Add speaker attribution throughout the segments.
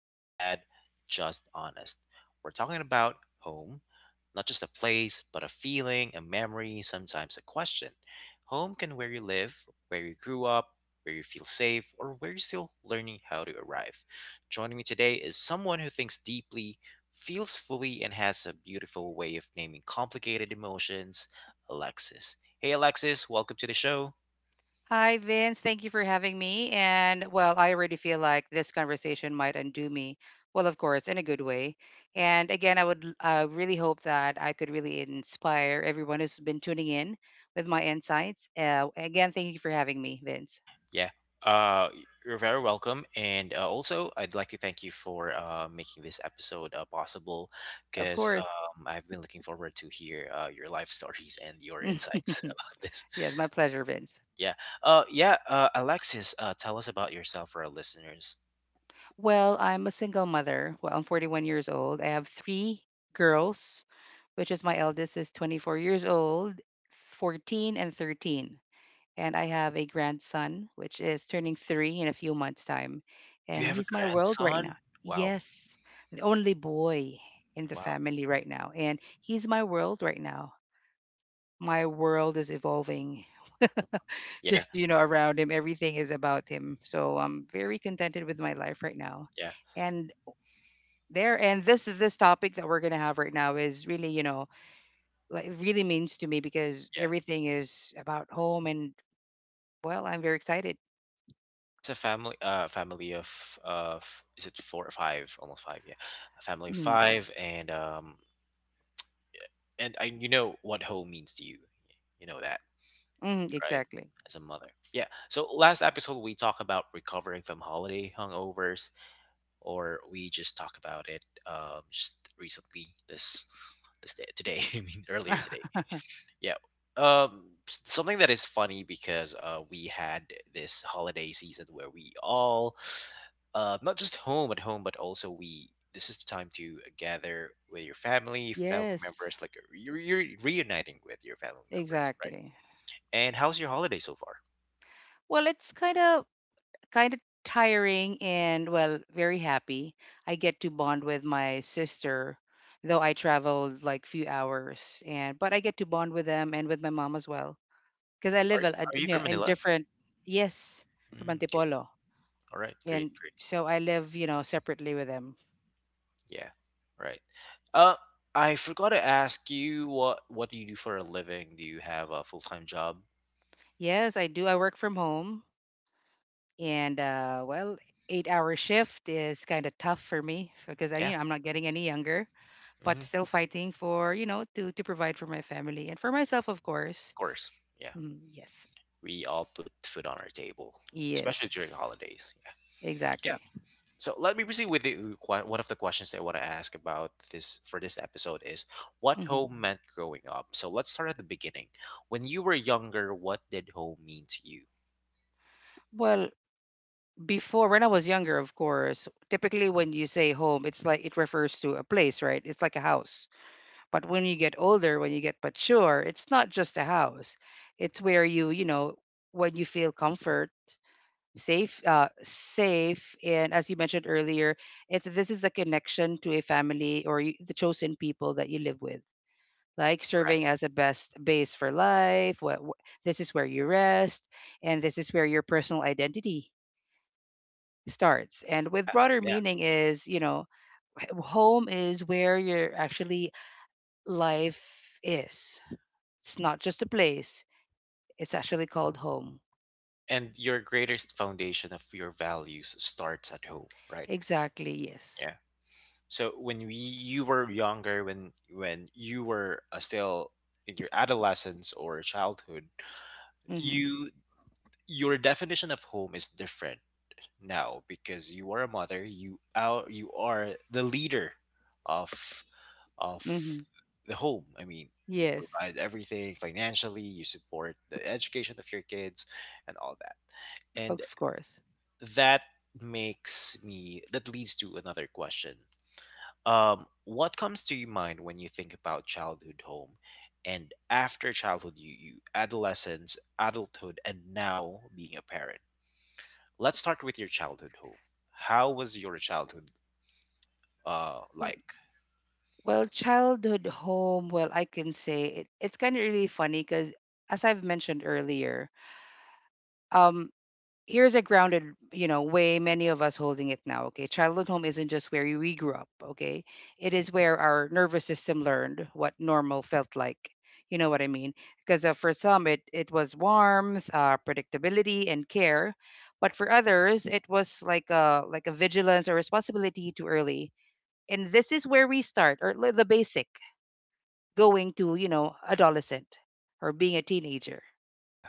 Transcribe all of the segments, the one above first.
Speaker 1: not sad, just honest. We're talking about home, not just a place, but a feeling, a memory, sometimes a question. Home can where you live, where you grew up, where you feel safe, or where you're still learning how to arrive. Joining me today is someone who thinks deeply, feels fully, and has a beautiful way of naming complicated emotions, Alexis. Hey, Alexis, welcome to the show.
Speaker 2: Hi, Vince. Thank you for having me. And well, I already feel like this conversation might undo me. Well, of course, in a good way. And again, I would really hope that I could really inspire everyone who's been tuning in with my insights. Again, thank you for having me, Vince.
Speaker 1: Yeah. Uh, you're very welcome. And also, I'd like to thank you for making this episode possible
Speaker 2: Of
Speaker 1: because
Speaker 2: course.
Speaker 1: I've been looking forward to hear your life stories and your insights about this.
Speaker 2: Yes, my pleasure, Vince.
Speaker 1: Yeah. Yeah. Alexis, tell us about yourself for our listeners.
Speaker 2: Well, I'm a single mother. Well, I'm 41 years old. I have three girls, which is my eldest is 24 years old, 14, and 13. And I have a grandson which is turning three in a few months' time,
Speaker 1: You
Speaker 2: and
Speaker 1: have a
Speaker 2: he's my world right
Speaker 1: grandson?
Speaker 2: now.
Speaker 1: Wow.
Speaker 2: Yes, the only boy in the
Speaker 1: Wow.
Speaker 2: family right now, and he's my world right now. My world is evolving,
Speaker 1: Mm, yeah.
Speaker 2: just you know, around him. Everything is about him. So I'm very contented with my life right now,
Speaker 1: Yeah.
Speaker 2: and there and this topic that we're gonna have right now is really you know like really means to me because
Speaker 1: Yeah.
Speaker 2: everything is about home, and well, I'm very excited.
Speaker 1: Yeah, it's a family, family of, is it four or five? Almost five, yeah. A family of
Speaker 2: Mm.
Speaker 1: five, and I what home means to you. You know that,
Speaker 2: Mm,
Speaker 1: right?
Speaker 2: exactly.
Speaker 1: As a mother. Yeah. So last episode we talked about recovering from holiday hungovers or we just talked about it just recently this day, today, I mean earlier today. Yeah. Something that is funny because we had this holiday season where we all, not just home at home, but also we. This is the time to gather with your family, family
Speaker 2: Yes,
Speaker 1: members. Like you're reuniting with your family members, right?
Speaker 2: exactly.
Speaker 1: And how's your holiday so far?
Speaker 2: Well, it's kind of tiring and well, very happy. I get to bond with my sister, though I traveled like few hours, and but I get to bond with them and with my mom as well because I
Speaker 1: Are
Speaker 2: live
Speaker 1: Are you
Speaker 2: you know
Speaker 1: from
Speaker 2: in a
Speaker 1: Manila?
Speaker 2: different. Yes, from
Speaker 1: Mm, okay.
Speaker 2: Antipolo,
Speaker 1: All right. Great.
Speaker 2: and
Speaker 1: Great.
Speaker 2: so I live you know separately with them.
Speaker 1: Yeah. Right. Uh, I forgot to ask you what do you do for a living? Do you have a full time job?
Speaker 2: Yes, I do. I work from home, and well, 8 hour shift is kind of tough for me because I you
Speaker 1: Yeah.
Speaker 2: know I'm not getting any younger
Speaker 1: Hmm.
Speaker 2: but
Speaker 1: Of
Speaker 2: still fighting for you know to provide for my family and for myself of course.
Speaker 1: course. Yeah.
Speaker 2: Mm, yes.
Speaker 1: We all put food on our table, especially
Speaker 2: Yes,
Speaker 1: during holidays. Yeah. Yeah.
Speaker 2: exactly.
Speaker 1: So let me proceed with one of the questions that I want to ask about this for this episode is what
Speaker 2: Hmm,
Speaker 1: home meant growing up. So let's start at the beginning. When you were younger, what did home mean to you?
Speaker 2: well, before when I was younger of course typically when you say home it's like it refers to a place, right? It's like a house. But when you get older, when you get mature, it's not just a house. It's where you know when you feel comfort, safe, safe, and as you mentioned earlier, it's this is the connection to a family or the chosen people that you live with, like
Speaker 1: Correct.
Speaker 2: serving as a best base for life. This is where you rest, and this is where your personal identity starts. And with
Speaker 1: Yeah,
Speaker 2: broader
Speaker 1: yeah.
Speaker 2: meaning is, you know, home is where your actually life is. It's not just a place. It's actually called home.
Speaker 1: And your greatest foundation of your values starts at home, right?
Speaker 2: Exactly. Yes.
Speaker 1: Yeah. So when you were younger, when you were still in your adolescence or childhood,
Speaker 2: Mhm.
Speaker 1: you your definition of home is different now because you are a mother you are the leader of of
Speaker 2: Mhm.
Speaker 1: the home. I mean, you
Speaker 2: Yes.
Speaker 1: provide everything financially, you support the education of your kids and all that. And
Speaker 2: Of course.
Speaker 1: that makes me that leads to another question. What comes to your mind when you think about childhood home and after childhood, you adolescence, adulthood and now being a parent. Let's start with your childhood home. How was your childhood like?
Speaker 2: Well, childhood home, well, I can say it, it's kind of really funny because, as I've mentioned earlier, um, here's a grounded, you know, way many of us holding it now. Okay. Childhood home isn't just where we grew up. Okay. It is where our nervous system learned what normal felt like. You know what I mean? Because for some, it was warmth, predictability, and care. But for others, it was like a vigilance or responsibility too early. And this is where we start, or the basic going to, you know, adolescent or being a teenager.
Speaker 1: Yeah.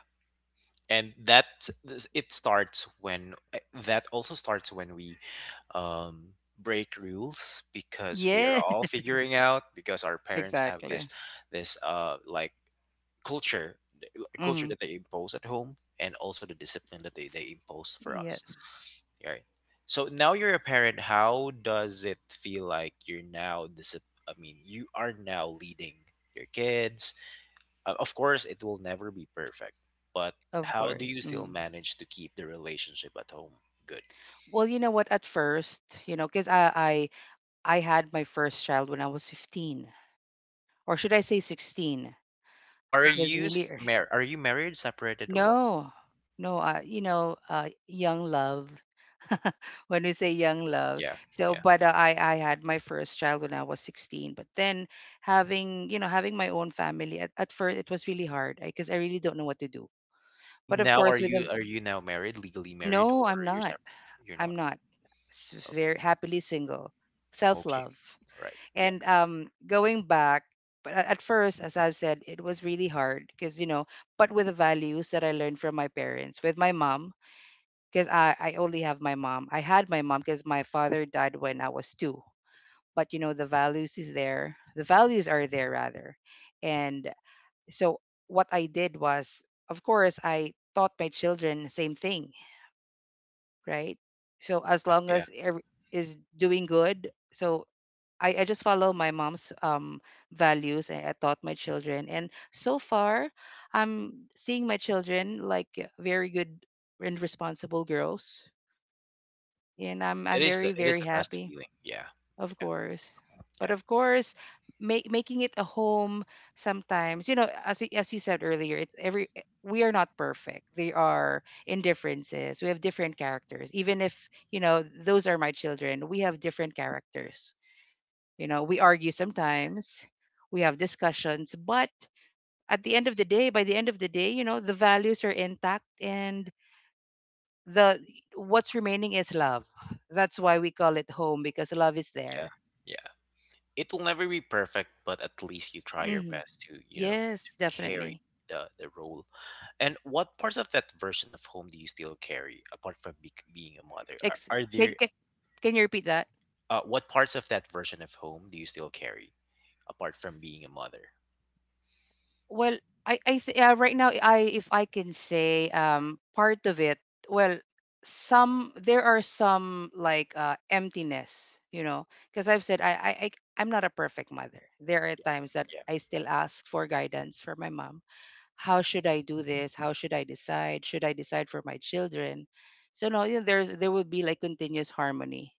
Speaker 1: And that also starts when we um break rules because we are
Speaker 2: Yeah,
Speaker 1: all figuring out because our parents have this
Speaker 2: exactly.
Speaker 1: this uh like culture, like, culture
Speaker 2: Hmm.
Speaker 1: that they impose at home and also the discipline that they impose for us, right? So now you're a parent, how does it feel like you're now I mean, you are now leading your kids? Of course it will never be perfect, but
Speaker 2: Of
Speaker 1: how do
Speaker 2: course.
Speaker 1: you still
Speaker 2: Mm.
Speaker 1: manage to keep the relationship at home good?
Speaker 2: Well, you know what? At first, you know, because I had my first child when I was 15, or should I say 16?
Speaker 1: are
Speaker 2: It was
Speaker 1: you
Speaker 2: really
Speaker 1: s- mar- are you married, separated or what?
Speaker 2: no, no. You know, young love. When we say young love,
Speaker 1: Yeah,
Speaker 2: so
Speaker 1: yeah.
Speaker 2: but I had my first child when I was 16. But then having you know having my own family at first it was really hard because I really don't know what to do.
Speaker 1: I
Speaker 2: But
Speaker 1: mean,
Speaker 2: of
Speaker 1: now are
Speaker 2: course, with
Speaker 1: you
Speaker 2: a
Speaker 1: now married, legally married,
Speaker 2: no,
Speaker 1: or
Speaker 2: I'm
Speaker 1: you're
Speaker 2: not.
Speaker 1: separate you're
Speaker 2: I'm
Speaker 1: not?
Speaker 2: not.
Speaker 1: Okay,
Speaker 2: Very happily single, self
Speaker 1: okay.
Speaker 2: love.
Speaker 1: Right. Yeah.
Speaker 2: And going back, but at first, as I've said, it was really hard because, you know, but with the values that I learned from my parents, with my mom, because I only have my mom. I had my mom because my father died when I was two. But, you know, the values is there. The values are there, rather. And so what I did was, of course, I taught my children the same thing, right? So as
Speaker 1: Yeah.
Speaker 2: long
Speaker 1: Yeah.
Speaker 2: as every, is doing good, so I just follow my mom's values and I taught my children. And so far, I'm seeing my children like very good and responsible girls. And
Speaker 1: It
Speaker 2: I'm
Speaker 1: is the
Speaker 2: very,
Speaker 1: it is
Speaker 2: very
Speaker 1: the best
Speaker 2: happy,
Speaker 1: feeling. Yeah.
Speaker 2: of
Speaker 1: Yeah.
Speaker 2: course. But
Speaker 1: Yeah.
Speaker 2: of course, making it a home sometimes, you know, as, as you said earlier, it's every we are not perfect. There are indifferences. We have different characters. Even if, you know, those are my children, we have different characters you know, we argue sometimes, we have discussions, but at the end of the day, by the end of the day, you know, the values are intact and the what's remaining is love. That's why we call it home because love is
Speaker 1: Yeah.
Speaker 2: there.
Speaker 1: Yeah. It will never be perfect, but at least you try your
Speaker 2: Hmm.
Speaker 1: best to
Speaker 2: Yes,
Speaker 1: carry
Speaker 2: definitely.
Speaker 1: the role. And what parts of that version of home do you still carry apart from bec being a mother? Are,
Speaker 2: Ex-
Speaker 1: are
Speaker 2: can,
Speaker 1: there,
Speaker 2: can, can you repeat that?
Speaker 1: what parts of that version of home do you still carry apart from being a mother?
Speaker 2: Well, right now I if I can say part of it, well, some there are some like emptiness, you know, because I've said I'm not a perfect mother. There are times that
Speaker 1: Yeah.
Speaker 2: I still ask for guidance for my mom. How should I do this? How should I decide? Should I decide for my children? So no, you know, there would be like continuous harmony.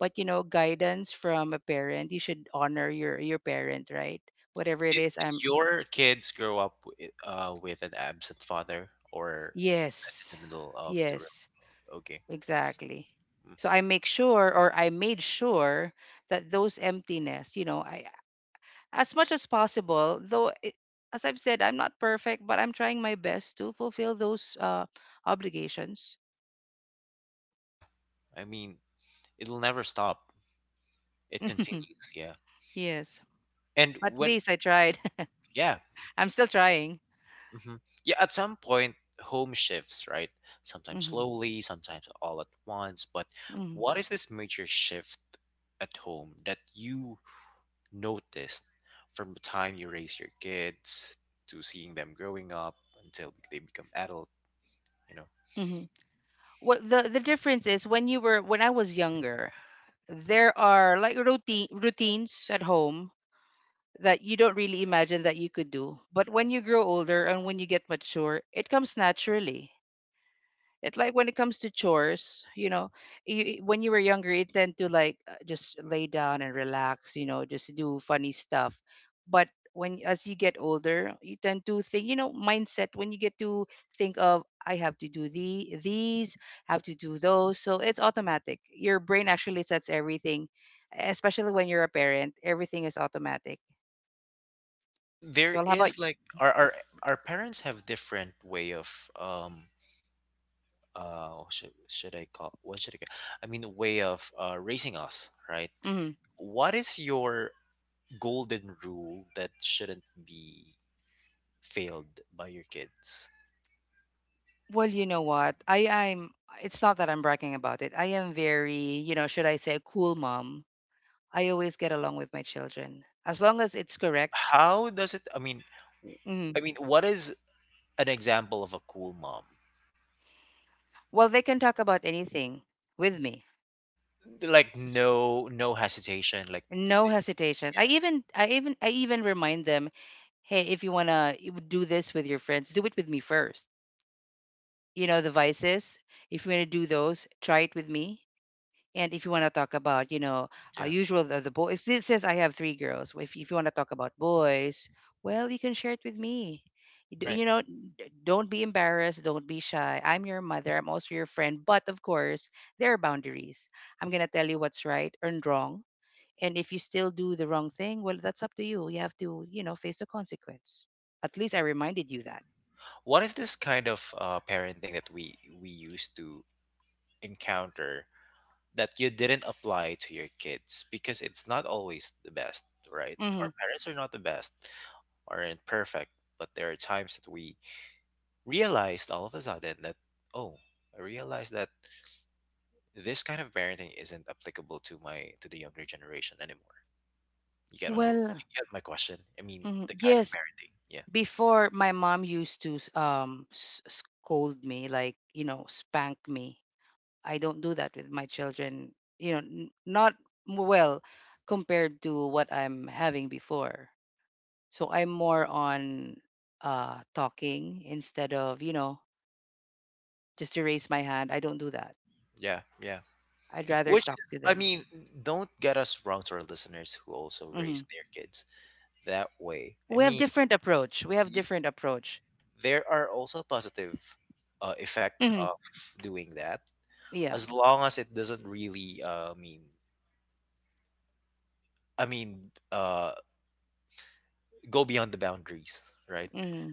Speaker 2: But you know, guidance from a parent, you should honor your parent, right? Whatever it
Speaker 1: Did,
Speaker 2: is,
Speaker 1: did
Speaker 2: I'm
Speaker 1: your kids grow up with an absent father or that's in
Speaker 2: yes.
Speaker 1: the middle of the real?
Speaker 2: Yes,
Speaker 1: Okay.
Speaker 2: exactly. So
Speaker 1: Mm-hmm.
Speaker 2: I make sure or I made sure that those emptiness, you know, I as much as possible, though it, as I've said, I'm not perfect, but I'm trying my best to fulfill those obligations.
Speaker 1: Yeah. I mean, it'll never stop. It continues, yeah.
Speaker 2: Yes.
Speaker 1: And
Speaker 2: At
Speaker 1: when
Speaker 2: least I tried.
Speaker 1: Yeah.
Speaker 2: I'm still trying.
Speaker 1: Mhm. Yeah, at some point home shifts, right? Sometimes
Speaker 2: Mhm.
Speaker 1: slowly, sometimes all at once, but
Speaker 2: Mhm.
Speaker 1: what is this major shift at home that you noticed from the time you raise your kids to seeing them growing up until they become adult, you know?
Speaker 2: Mhm. What the difference is when you were when I was younger, there are like routines at home that you don't really imagine that you could do. But when you grow older and when you get mature, it comes naturally. It's like when it comes to chores, you know, you, when you were younger, you tend to like just lay down and relax, you know, just do funny stuff. But when as you get older, you tend to think, you know, mindset. When you get to think of, I have to do these, have to do those, so it's automatic. Your brain actually sets everything, especially when you're a parent. Everything is automatic.
Speaker 1: Cuz there
Speaker 2: Well, how about?
Speaker 1: is like our parents have different way of what should I call what should I call, I mean a way of raising us, right?
Speaker 2: Mhm.
Speaker 1: What is your golden rule that shouldn't be failed by your kids?
Speaker 2: Well, you know what? I I'm it's not that I'm bragging about it. I am very, you know, should I say cool mom. I always get along with my children as long as it's correct.
Speaker 1: How does it I mean, w-
Speaker 2: Mhm.
Speaker 1: I mean, what is an example of a cool mom?
Speaker 2: Well, they can talk about anything with me.
Speaker 1: Like,
Speaker 2: S-
Speaker 1: no, no hesitation, like,
Speaker 2: No hesitation. I even remind them, "Hey, if you want to do this with your friends, do it with me first. You know, the vices, if you want to do those, try it with me. And if you want to talk about, you know,
Speaker 1: yeah,
Speaker 2: usual the boys, it says I have three girls. If you want to talk about boys, well, you can share it with me.
Speaker 1: right.
Speaker 2: You know, don't be embarrassed. Don't be shy. I'm your mother. I'm also your friend. But of course, there are boundaries. I'm going to tell you what's right and wrong. And if you still do the wrong thing, well, that's up to you. You have to, you know, face the consequence. At least I reminded you that.
Speaker 1: What is this kind of parenting that we used to encounter that you didn't apply to your kids because it's not always the best, right?
Speaker 2: Hmm.
Speaker 1: Our parents are not the best, aren't perfect, but there are times that we realized all of a sudden that, oh, I realized that this kind of parenting isn't applicable to my to the younger generation anymore. You get my
Speaker 2: Well,
Speaker 1: you get my question. I mean,
Speaker 2: mhm,
Speaker 1: the kind of
Speaker 2: yes,
Speaker 1: parenting. Yeah.
Speaker 2: before my mom used to scold me like you know spank me. I don't do that with my children, you know, not well, compared to what I'm having before. So I'm more on talking instead of you know just to raise my hand. I don't do that.
Speaker 1: Yeah, yeah.
Speaker 2: I'd rather
Speaker 1: Which is,
Speaker 2: talk to
Speaker 1: I
Speaker 2: them.
Speaker 1: mean, don't get us wrong to our listeners who also
Speaker 2: Hmm.
Speaker 1: raise their kids that way. I mean,
Speaker 2: We have different approach.
Speaker 1: there are also positive effect
Speaker 2: Hmm.
Speaker 1: of doing that
Speaker 2: Yeah.
Speaker 1: as long as it doesn't really mean, I mean, go beyond the boundaries, right?
Speaker 2: Hmm.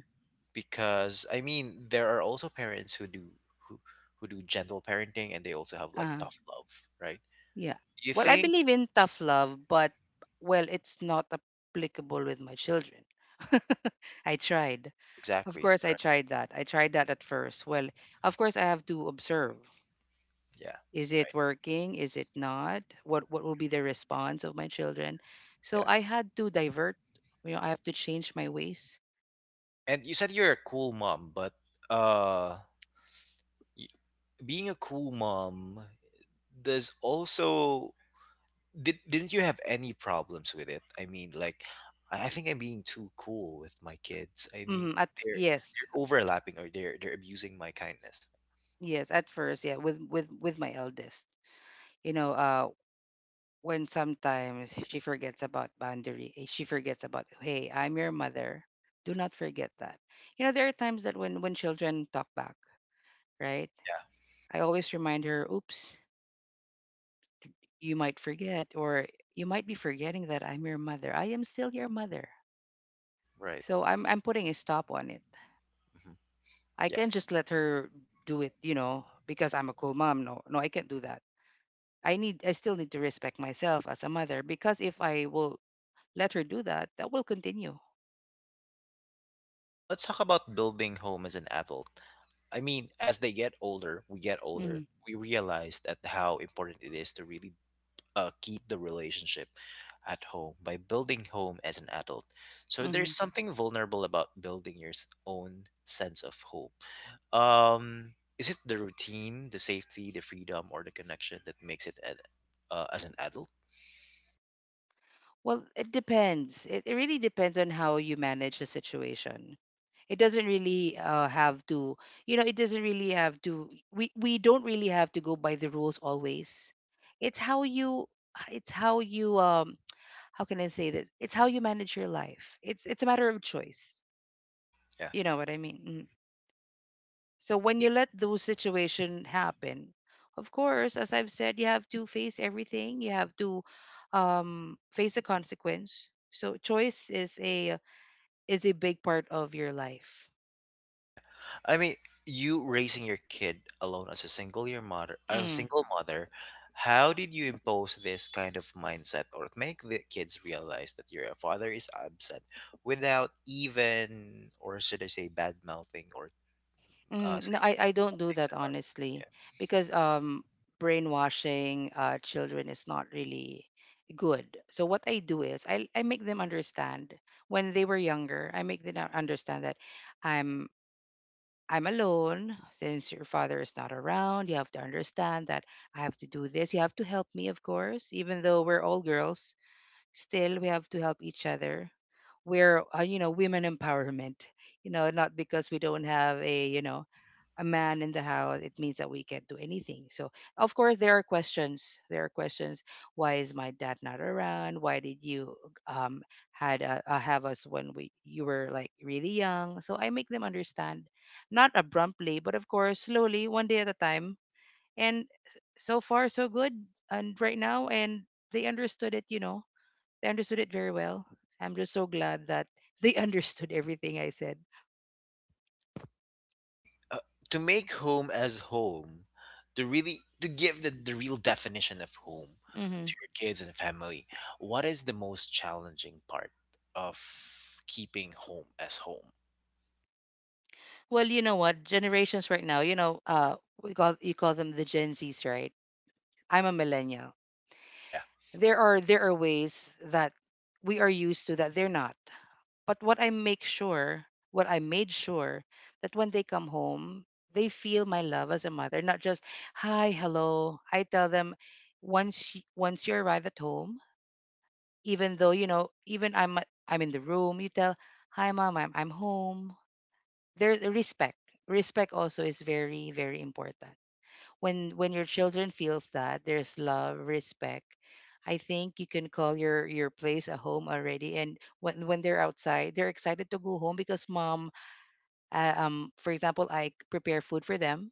Speaker 1: Because I mean there are also parents who who, do gentle parenting and they also have like
Speaker 2: Uh-huh.
Speaker 1: tough love, right?
Speaker 2: Yeah.
Speaker 1: You
Speaker 2: Well, I
Speaker 1: think?
Speaker 2: believe in tough love, but well, it's not applicable with my children. I tried. Of
Speaker 1: Exactly,
Speaker 2: course, I
Speaker 1: right?
Speaker 2: tried that. I tried that at first. Well,
Speaker 1: Mhm.
Speaker 2: of course, I have to observe.
Speaker 1: Yeah,
Speaker 2: Is it
Speaker 1: right.
Speaker 2: working? Is it not? What will be the response of my children? So
Speaker 1: Yeah.
Speaker 2: I had to divert. You know, I have to change my ways.
Speaker 1: And you said you're a cool mom, but uh y- being a cool mom does also did didn't you have any problems with it? I mean, like, I think I'm being too cool with my kids. I mean,
Speaker 2: Mm, at
Speaker 1: they're
Speaker 2: yes,
Speaker 1: they're overlapping or they're abusing my kindness.
Speaker 2: yes, at first, yeah, with with my eldest. You know, uh, when sometimes she forgets about boundary, she forgets about, hey, I'm your mother, do not forget that. You know, there are times that when children talk back, right?
Speaker 1: Yeah,
Speaker 2: I always remind her, oops, you might forget, or you might be forgetting that I'm your mother. I am still your mother.
Speaker 1: right.
Speaker 2: So I'm putting a stop on it.
Speaker 1: Hmm.
Speaker 2: I
Speaker 1: Yeah.
Speaker 2: can't just let her do it, you know, because I'm a cool mom. No, no, I can't do that. I still need to respect myself as a mother, because if I will let her do that, that will continue.
Speaker 1: So let's talk about building home as an adult. I mean, as they get
Speaker 2: Hmm.
Speaker 1: older. We realize that how important it is to really keep the relationship at home by building home as an adult. So there's something vulnerable about building your own sense of home. Is it the routine, the safety, the freedom, or the connection that makes it as an adult?
Speaker 2: Well, it depends. It really depends on how you manage the situation. It doesn't really have to, it doesn't really have to, we don't really have to go by the rules always. It's how you, it's how you, um, how can I say this? It's how you manage your life. It's a matter of choice.
Speaker 1: Yeah.
Speaker 2: You know what I mean? Mm. So
Speaker 1: I
Speaker 2: when
Speaker 1: mean,
Speaker 2: you let those situation happen, of course, as I've said, you have to face everything. You have to face the consequence. So choice is a big part of your life.
Speaker 1: yeah. I mean, you raising your kid alone as a
Speaker 2: Mm.
Speaker 1: single mother, how did you impose this kind of mindset or make the kids realize that your father is absent without even, or should I say, bad mouthing or
Speaker 2: Mm, no,
Speaker 1: saying
Speaker 2: I
Speaker 1: things,
Speaker 2: don't
Speaker 1: bad
Speaker 2: do
Speaker 1: things
Speaker 2: that,
Speaker 1: about?
Speaker 2: honestly,
Speaker 1: Yeah.
Speaker 2: because brainwashing children is not really good. So what I do is I make them understand. When they were younger, I make them understand that I'm I'm alone since your father is not around. You have to understand that I have to do this. You have to help me, of course. Even though we're all girls, still we have to help each other. We're, women empowerment. Not because we don't have a, man in the house, it means that we can't do anything. So of course there are questions, there are questions. Why is my dad not around? Why did you um had have us when we you were like really young? So I make them understand, not abruptly, but of course slowly, one day at a time. And so far, so good. And right now, and they understood it, they understood it very well. I'm just so glad that they understood everything I said.
Speaker 1: I mean, to make home as home, to give the real definition of home
Speaker 2: Hmm.
Speaker 1: to your kids and family, what is the most challenging part of keeping home as home?
Speaker 2: Well, you know what? Generations right now, we call, you call them the Gen Zs, right? I'm a millennial.
Speaker 1: Yeah,
Speaker 2: There are ways that we are used to that they're not. But what I made sure, that when they come home, they feel my love as a mother, not just hi, hello. I tell them, once once you arrive at home, even though, even I'm in the room, you tell, hi, mom, I'm home. There, the respect, respect also is very, very important. When your children feels that there's love, respect, I think you can call your place a home already. And when they're outside, they're excited to go home because mom, for example, I prepare food for them.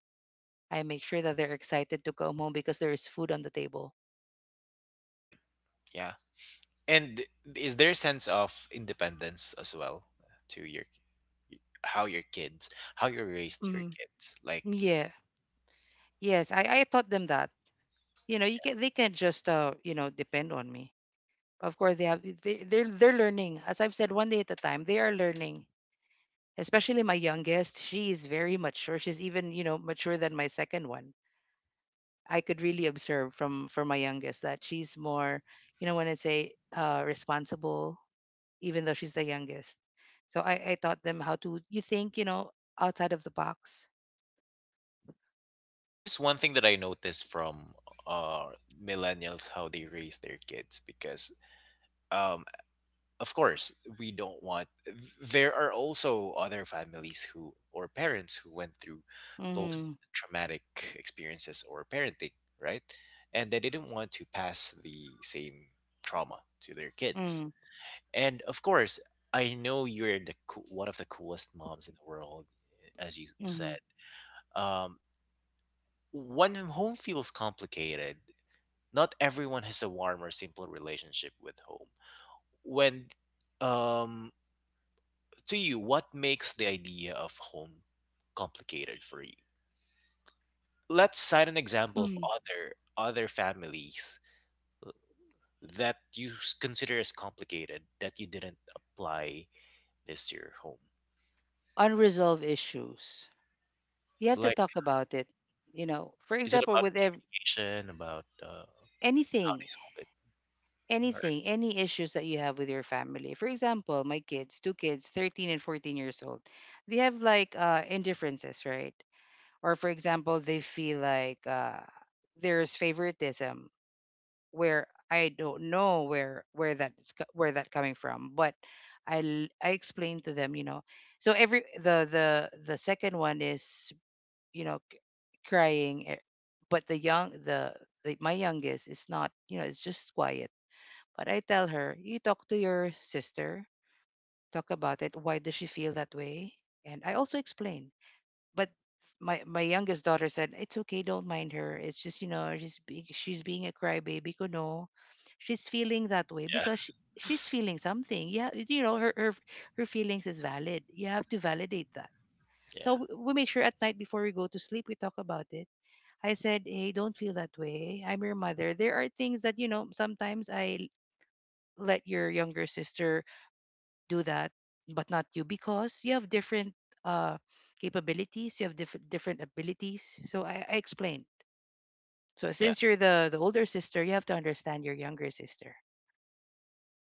Speaker 2: I make sure that they're excited to come home because there is food on the table.
Speaker 1: right. Yeah, and is there a sense of independence as well to your how your kids how you raised your
Speaker 2: Mm,
Speaker 1: kids? Like,
Speaker 2: yeah. Yes, I taught them that, you know you can they can't just depend on me. Of course they have, they're learning, as I've said, one day at a time, they are learning. Especially my youngest, she's very mature, she's even, mature than my second one. I could really observe, from my youngest, that she's more, you know, when I say, responsible, even though she's the youngest. So I taught them how to, you think, you know, outside of the box.
Speaker 1: there is one thing that I noticed from uh millennials how they raise their kids because um of course we don't want there are also other families who or parents who went through post
Speaker 2: Mm-hmm.
Speaker 1: traumatic experiences or parenting, right? And they didn't want to pass the same trauma to their kids.
Speaker 2: Mm-hmm.
Speaker 1: And of course I know you're the one of the coolest moms in the world, as you
Speaker 2: Mm-hmm.
Speaker 1: said. um, when home feels complicated, not everyone has a warm or simple relationship with home. When um To you, what makes the idea of home complicated for you? Let's cite an example of
Speaker 2: Mm.
Speaker 1: other families that you consider as complicated that you didn't apply this to your home.
Speaker 2: Unresolved issues, you have to
Speaker 1: Like,
Speaker 2: talk about it, you know. For
Speaker 1: is it
Speaker 2: example,
Speaker 1: about
Speaker 2: with ev-
Speaker 1: communication? About how
Speaker 2: anything
Speaker 1: they solve it? Or,
Speaker 2: any issues that you have with your family. For example, my kids, two kids, 13 and 14 years old, they have like indifferences, right? Or for example, they feel like, there's favoritism, where I don't know where that's, co- where that coming from. But I explained to them. So every the second one is, you know, crying, but the my youngest is not, it's just quiet. But I tell her, you talk to your sister, talk about it, why does she feel that way. And I also explain, but my youngest daughter said, it's okay, don't mind her, it's just, she's being a crybaby, kuno. She's feeling that way
Speaker 1: yeah,
Speaker 2: because she's feeling something, yeah. You know, her feelings is valid, you have to validate that.
Speaker 1: yeah,
Speaker 2: So we make sure at night, before we go to sleep, we talk about it. I said, hey, don't feel that way. I'm your mother. There are things that, you know, sometimes I let your younger sister do that, but not you, because you have different uh, capabilities, you have different abilities. So I explained. So
Speaker 1: yeah.
Speaker 2: since you're the older sister, you have to understand your younger sister.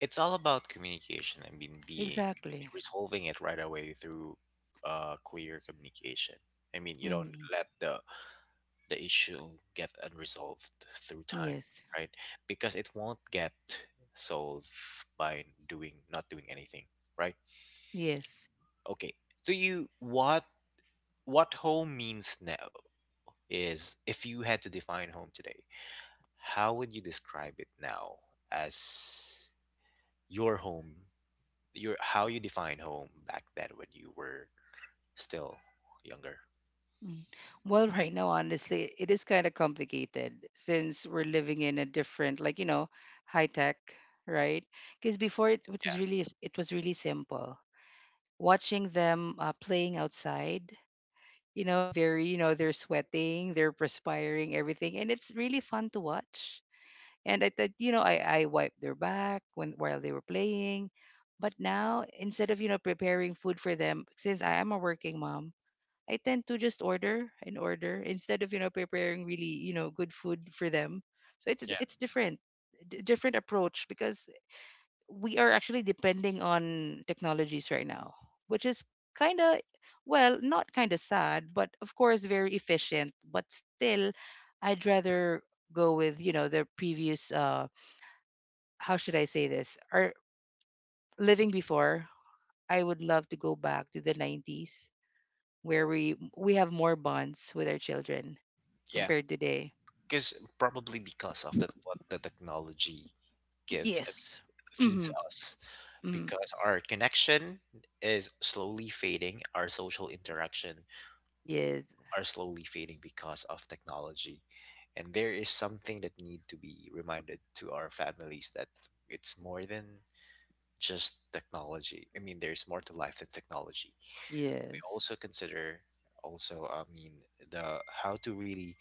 Speaker 1: It's all about communication. I mean, being
Speaker 2: Exactly.
Speaker 1: resolving it right away through clear communication. I mean, you don't
Speaker 2: Mhm.
Speaker 1: let the issue get unresolved through time,
Speaker 2: Yes.
Speaker 1: right? Because it won't get solved by doing not doing anything, right?
Speaker 2: Yes.
Speaker 1: Okay. So you what home means now is, if you had to define home today, how would you describe it now, as your home, your how you define home back then when you were still younger?
Speaker 2: Mm. Well, right now, honestly, it is kind of complicated, since we're living in a different, like, high tech, right? Because before, it was really simple. Watching them playing outside, very, they're sweating, they're perspiring, everything, and it's really fun to watch. And I you know, I wiped their back when while they were playing. But now, instead of, preparing food for them, since I am a working mom, I tend to just order and order instead of, preparing really, good food for them. So it's
Speaker 1: Yeah, yeah,
Speaker 2: it's different, different approach, because we are actually depending on technologies right now, which is kind of well, not kind of sad, but of course very efficient. But still, I'd rather go with, the previous, how should I say this? Or living before, I would love to go back to the 90s where we have more bonds with our children
Speaker 1: yeah.
Speaker 2: compared today.
Speaker 1: Because probably because of that, what the technology gives. I
Speaker 2: Yes.
Speaker 1: feeds
Speaker 2: Mm-hmm.
Speaker 1: us
Speaker 2: Mm-hmm.
Speaker 1: because our connection is slowly fading, our social interaction
Speaker 2: Yes.
Speaker 1: are slowly fading because of technology. And there is something that need to be reminded to our families that it's more than just technology. I mean, there's more to life than technology. We
Speaker 2: Yes.
Speaker 1: also consider also, I mean, the how to really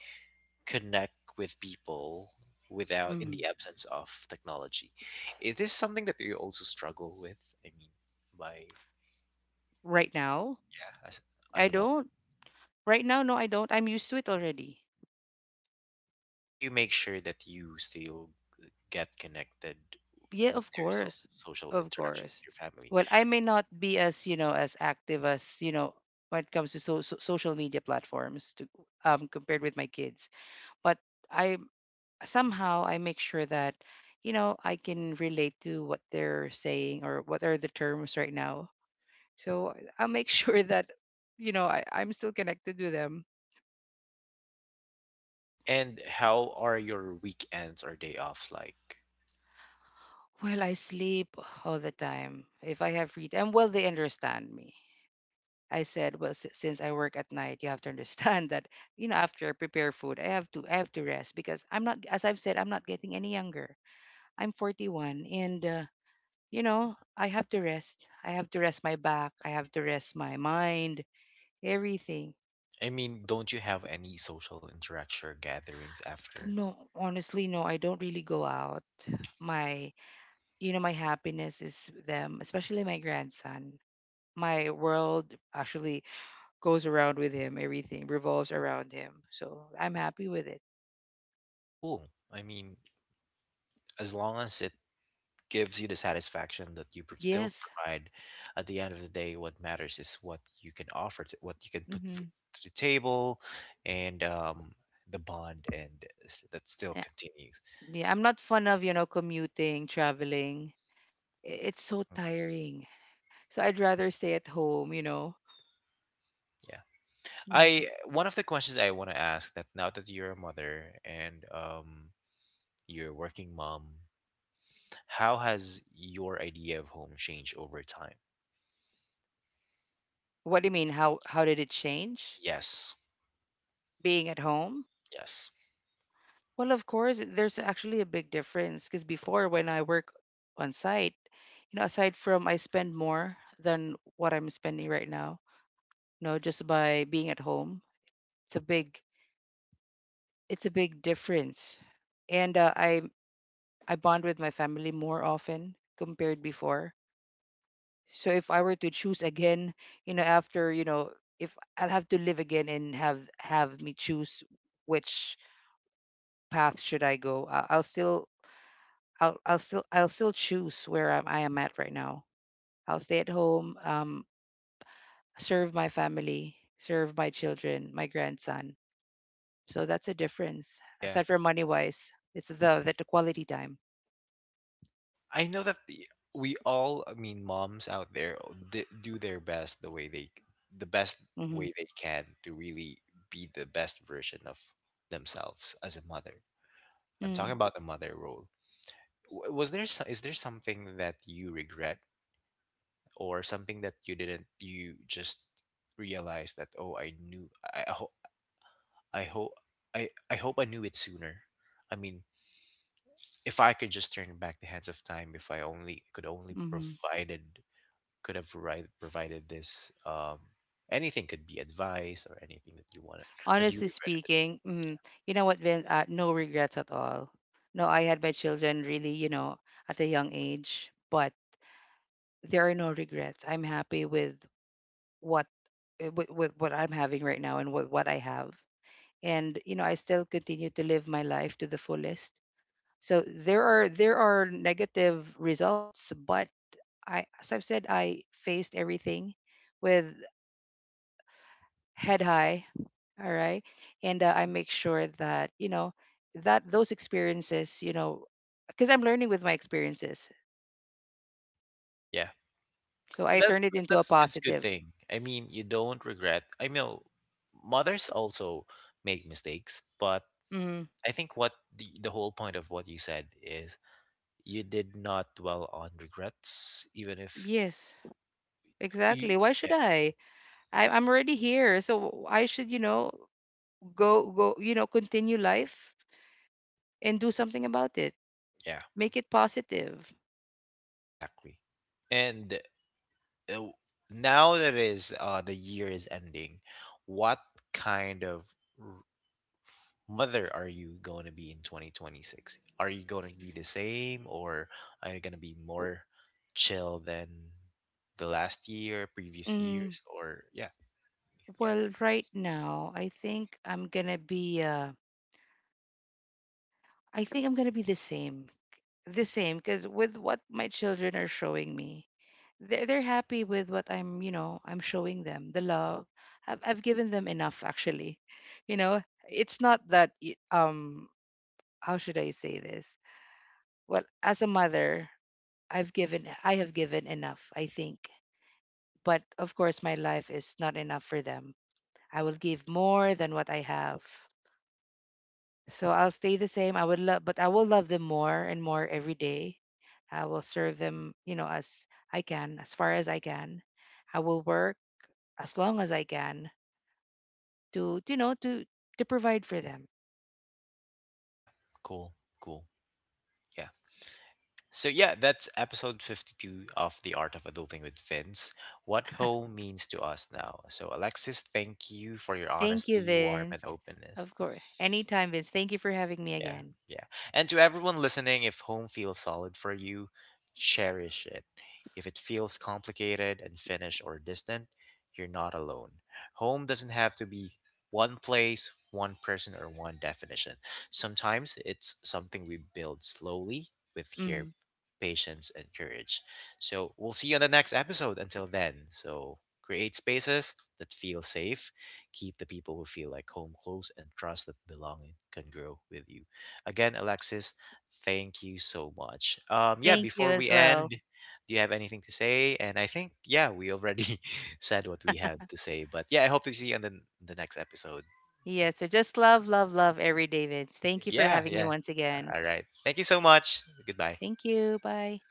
Speaker 1: connect with people without in
Speaker 2: Mm-hmm.
Speaker 1: the absence of technology. Is this something that you also struggle with? I mean, by
Speaker 2: Right now,
Speaker 1: yeah, as
Speaker 2: I
Speaker 1: a mother,
Speaker 2: don't. Right now, no, I don't. I'm used to it already.
Speaker 1: how do you make sure that you still get connected?
Speaker 2: Yeah,
Speaker 1: I mean,
Speaker 2: of
Speaker 1: there is still
Speaker 2: course.
Speaker 1: social
Speaker 2: Of
Speaker 1: interaction with
Speaker 2: course.
Speaker 1: your family.
Speaker 2: Well, I may not be as, as active as, when it comes to social media platforms to compared with my kids, but I somehow I make sure that, I can relate to what they're saying or what are the terms right now. So I'll make sure that, I'm still connected with them.
Speaker 1: And how are your weekends or day offs like?
Speaker 2: Well, I sleep all the time if I have free time. Well, they understand me. I said, well, since I work at night, you have to understand that, after I prepare food, I have to rest, because I'm not, as I've said, I'm not getting any younger. I'm 41, and I have to rest. I have to rest my back. I have to rest my mind, everything.
Speaker 1: I mean, don't you have any social interaction or gatherings after?
Speaker 2: No, honestly, no, I don't really go out. My, my happiness is with them, especially my grandson. My world actually goes around with him, everything revolves around him. So I'm happy with it.
Speaker 1: Cool. I mean, as long as it gives you the satisfaction that you still
Speaker 2: Yes.
Speaker 1: provide. At the end of the day, what matters is what you can offer, what you can put
Speaker 2: Hmm.
Speaker 1: to the table, and the bond, and that still
Speaker 2: Yeah.
Speaker 1: continues.
Speaker 2: Yeah. I'm not fond of, commuting, traveling. It's so tiring. So I'd rather stay at home.
Speaker 1: Yeah,
Speaker 2: Mm-hmm.
Speaker 1: I one of the questions I want to ask that now that you're a mother and you're a working mom, how has your idea of home changed over time?
Speaker 2: What do you mean? How did it change
Speaker 1: Yes,
Speaker 2: being at home?
Speaker 1: yes,
Speaker 2: Well, of course, there's actually a big difference, because before, when I work on site, aside from I spend more than what I'm spending right now, just by being at home, it's a big it's a big difference. And I bond with my family more often compared before. So if I were to choose again, after, if I'll have to live again and have me choose which path should I go, I'll still choose where I am at right now. I'll stay at home, serve my family, serve my children, my grandson. So that's a difference.
Speaker 1: yeah.
Speaker 2: Aside from money wise, it's the quality time.
Speaker 1: I know that we all, I mean, moms out there oh, do their best the best
Speaker 2: Mm-hmm.
Speaker 1: way they can to really be the best version of themselves as a mother. I'm talking
Speaker 2: Mm.
Speaker 1: about the mother role. Is there something that you regret or something that you didn't, you just realized that, oh, I knew, I hope, I hope, I hope I knew it sooner. I mean, if I could just turn back the hands of time, if I only
Speaker 2: Hmm.
Speaker 1: could have provided this anything could be advice or anything that you wanted that you
Speaker 2: Honestly
Speaker 1: regretted it.
Speaker 2: speaking, you know what, Vince? No regrets at all. No, I had my children really, at a young age, but there are no regrets. I'm happy with what what I'm having right now and with what I have. And I still continue to live my life to the fullest. So there are negative results, but I as I've said, I faced everything with head high. All right. And I make sure that, that those experiences, because I'm learning with my experiences.
Speaker 1: Yeah,
Speaker 2: So I
Speaker 1: that
Speaker 2: turn it into a
Speaker 1: that's it's good
Speaker 2: positive.
Speaker 1: thing. I mean, you don't regret. I know mothers also make mistakes, but
Speaker 2: Hmm.
Speaker 1: I think what the whole point of what you said is you did not dwell on regrets even if
Speaker 2: Yes, exactly.
Speaker 1: you
Speaker 2: Why should
Speaker 1: yeah,
Speaker 2: I? I'm already here, so I should, you know, go, continue life and do something about it.
Speaker 1: yeah,
Speaker 2: Make it positive.
Speaker 1: exactly. And uh, now that is the year is ending, what kind of mother are you going to be in 2026? Are you going to be the same or are you going to be more chill than the last year, previous
Speaker 2: Mm,
Speaker 1: years or yeah, yeah.
Speaker 2: well, right now, I think I'm gonna be. I think I'm gonna be the same, because with what my children are showing me, they're happy with what I'm showing them the love. I've given them enough, actually. You know, it's not that. How should I say this? Well, as a mother, I have given enough, I think. But of course my life is not enough for them. I will give more than what I have. So I'll stay the same. I will love them more and more every day. I will serve them, as I can, as far as I can. I will work as long as I can to you know to to provide for them.
Speaker 1: Yeah. Cool. Cool. Yeah. So yeah, that's episode 52 of The Art of Adulting with Vince. What home means to us now. So Alexis, thank you for your
Speaker 2: Thank you,
Speaker 1: honesty, warmth and
Speaker 2: Vince.
Speaker 1: openness.
Speaker 2: Of course. Anytime, Vince. Thank you for having me
Speaker 1: Yeah,
Speaker 2: again.
Speaker 1: yeah. And to everyone listening, if home feels solid for you, cherish it. If it feels complicated, unfinished, or distant, you're not alone. Home doesn't have to be one place, one person, or one definition. Sometimes it's something we build slowly with care,
Speaker 2: Mm.
Speaker 1: patience, and courage. So we'll see you on the next episode. Until then, so create spaces that feel safe, keep the people who feel like home close and trust that belonging can grow with you. Again, Alexis, thank you so much. Yeah,
Speaker 2: Thank you
Speaker 1: before
Speaker 2: as
Speaker 1: we end,
Speaker 2: well.
Speaker 1: do you have anything to say? And I think, yeah, we already said what we had to say. But yeah, I hope to see you on the next episode.
Speaker 2: Yeah, so just love, love, love every Davids. Thank you for
Speaker 1: Yeah,
Speaker 2: having me
Speaker 1: yeah.
Speaker 2: once again.
Speaker 1: All right. Thank you so much. Goodbye.
Speaker 2: Thank you. Bye.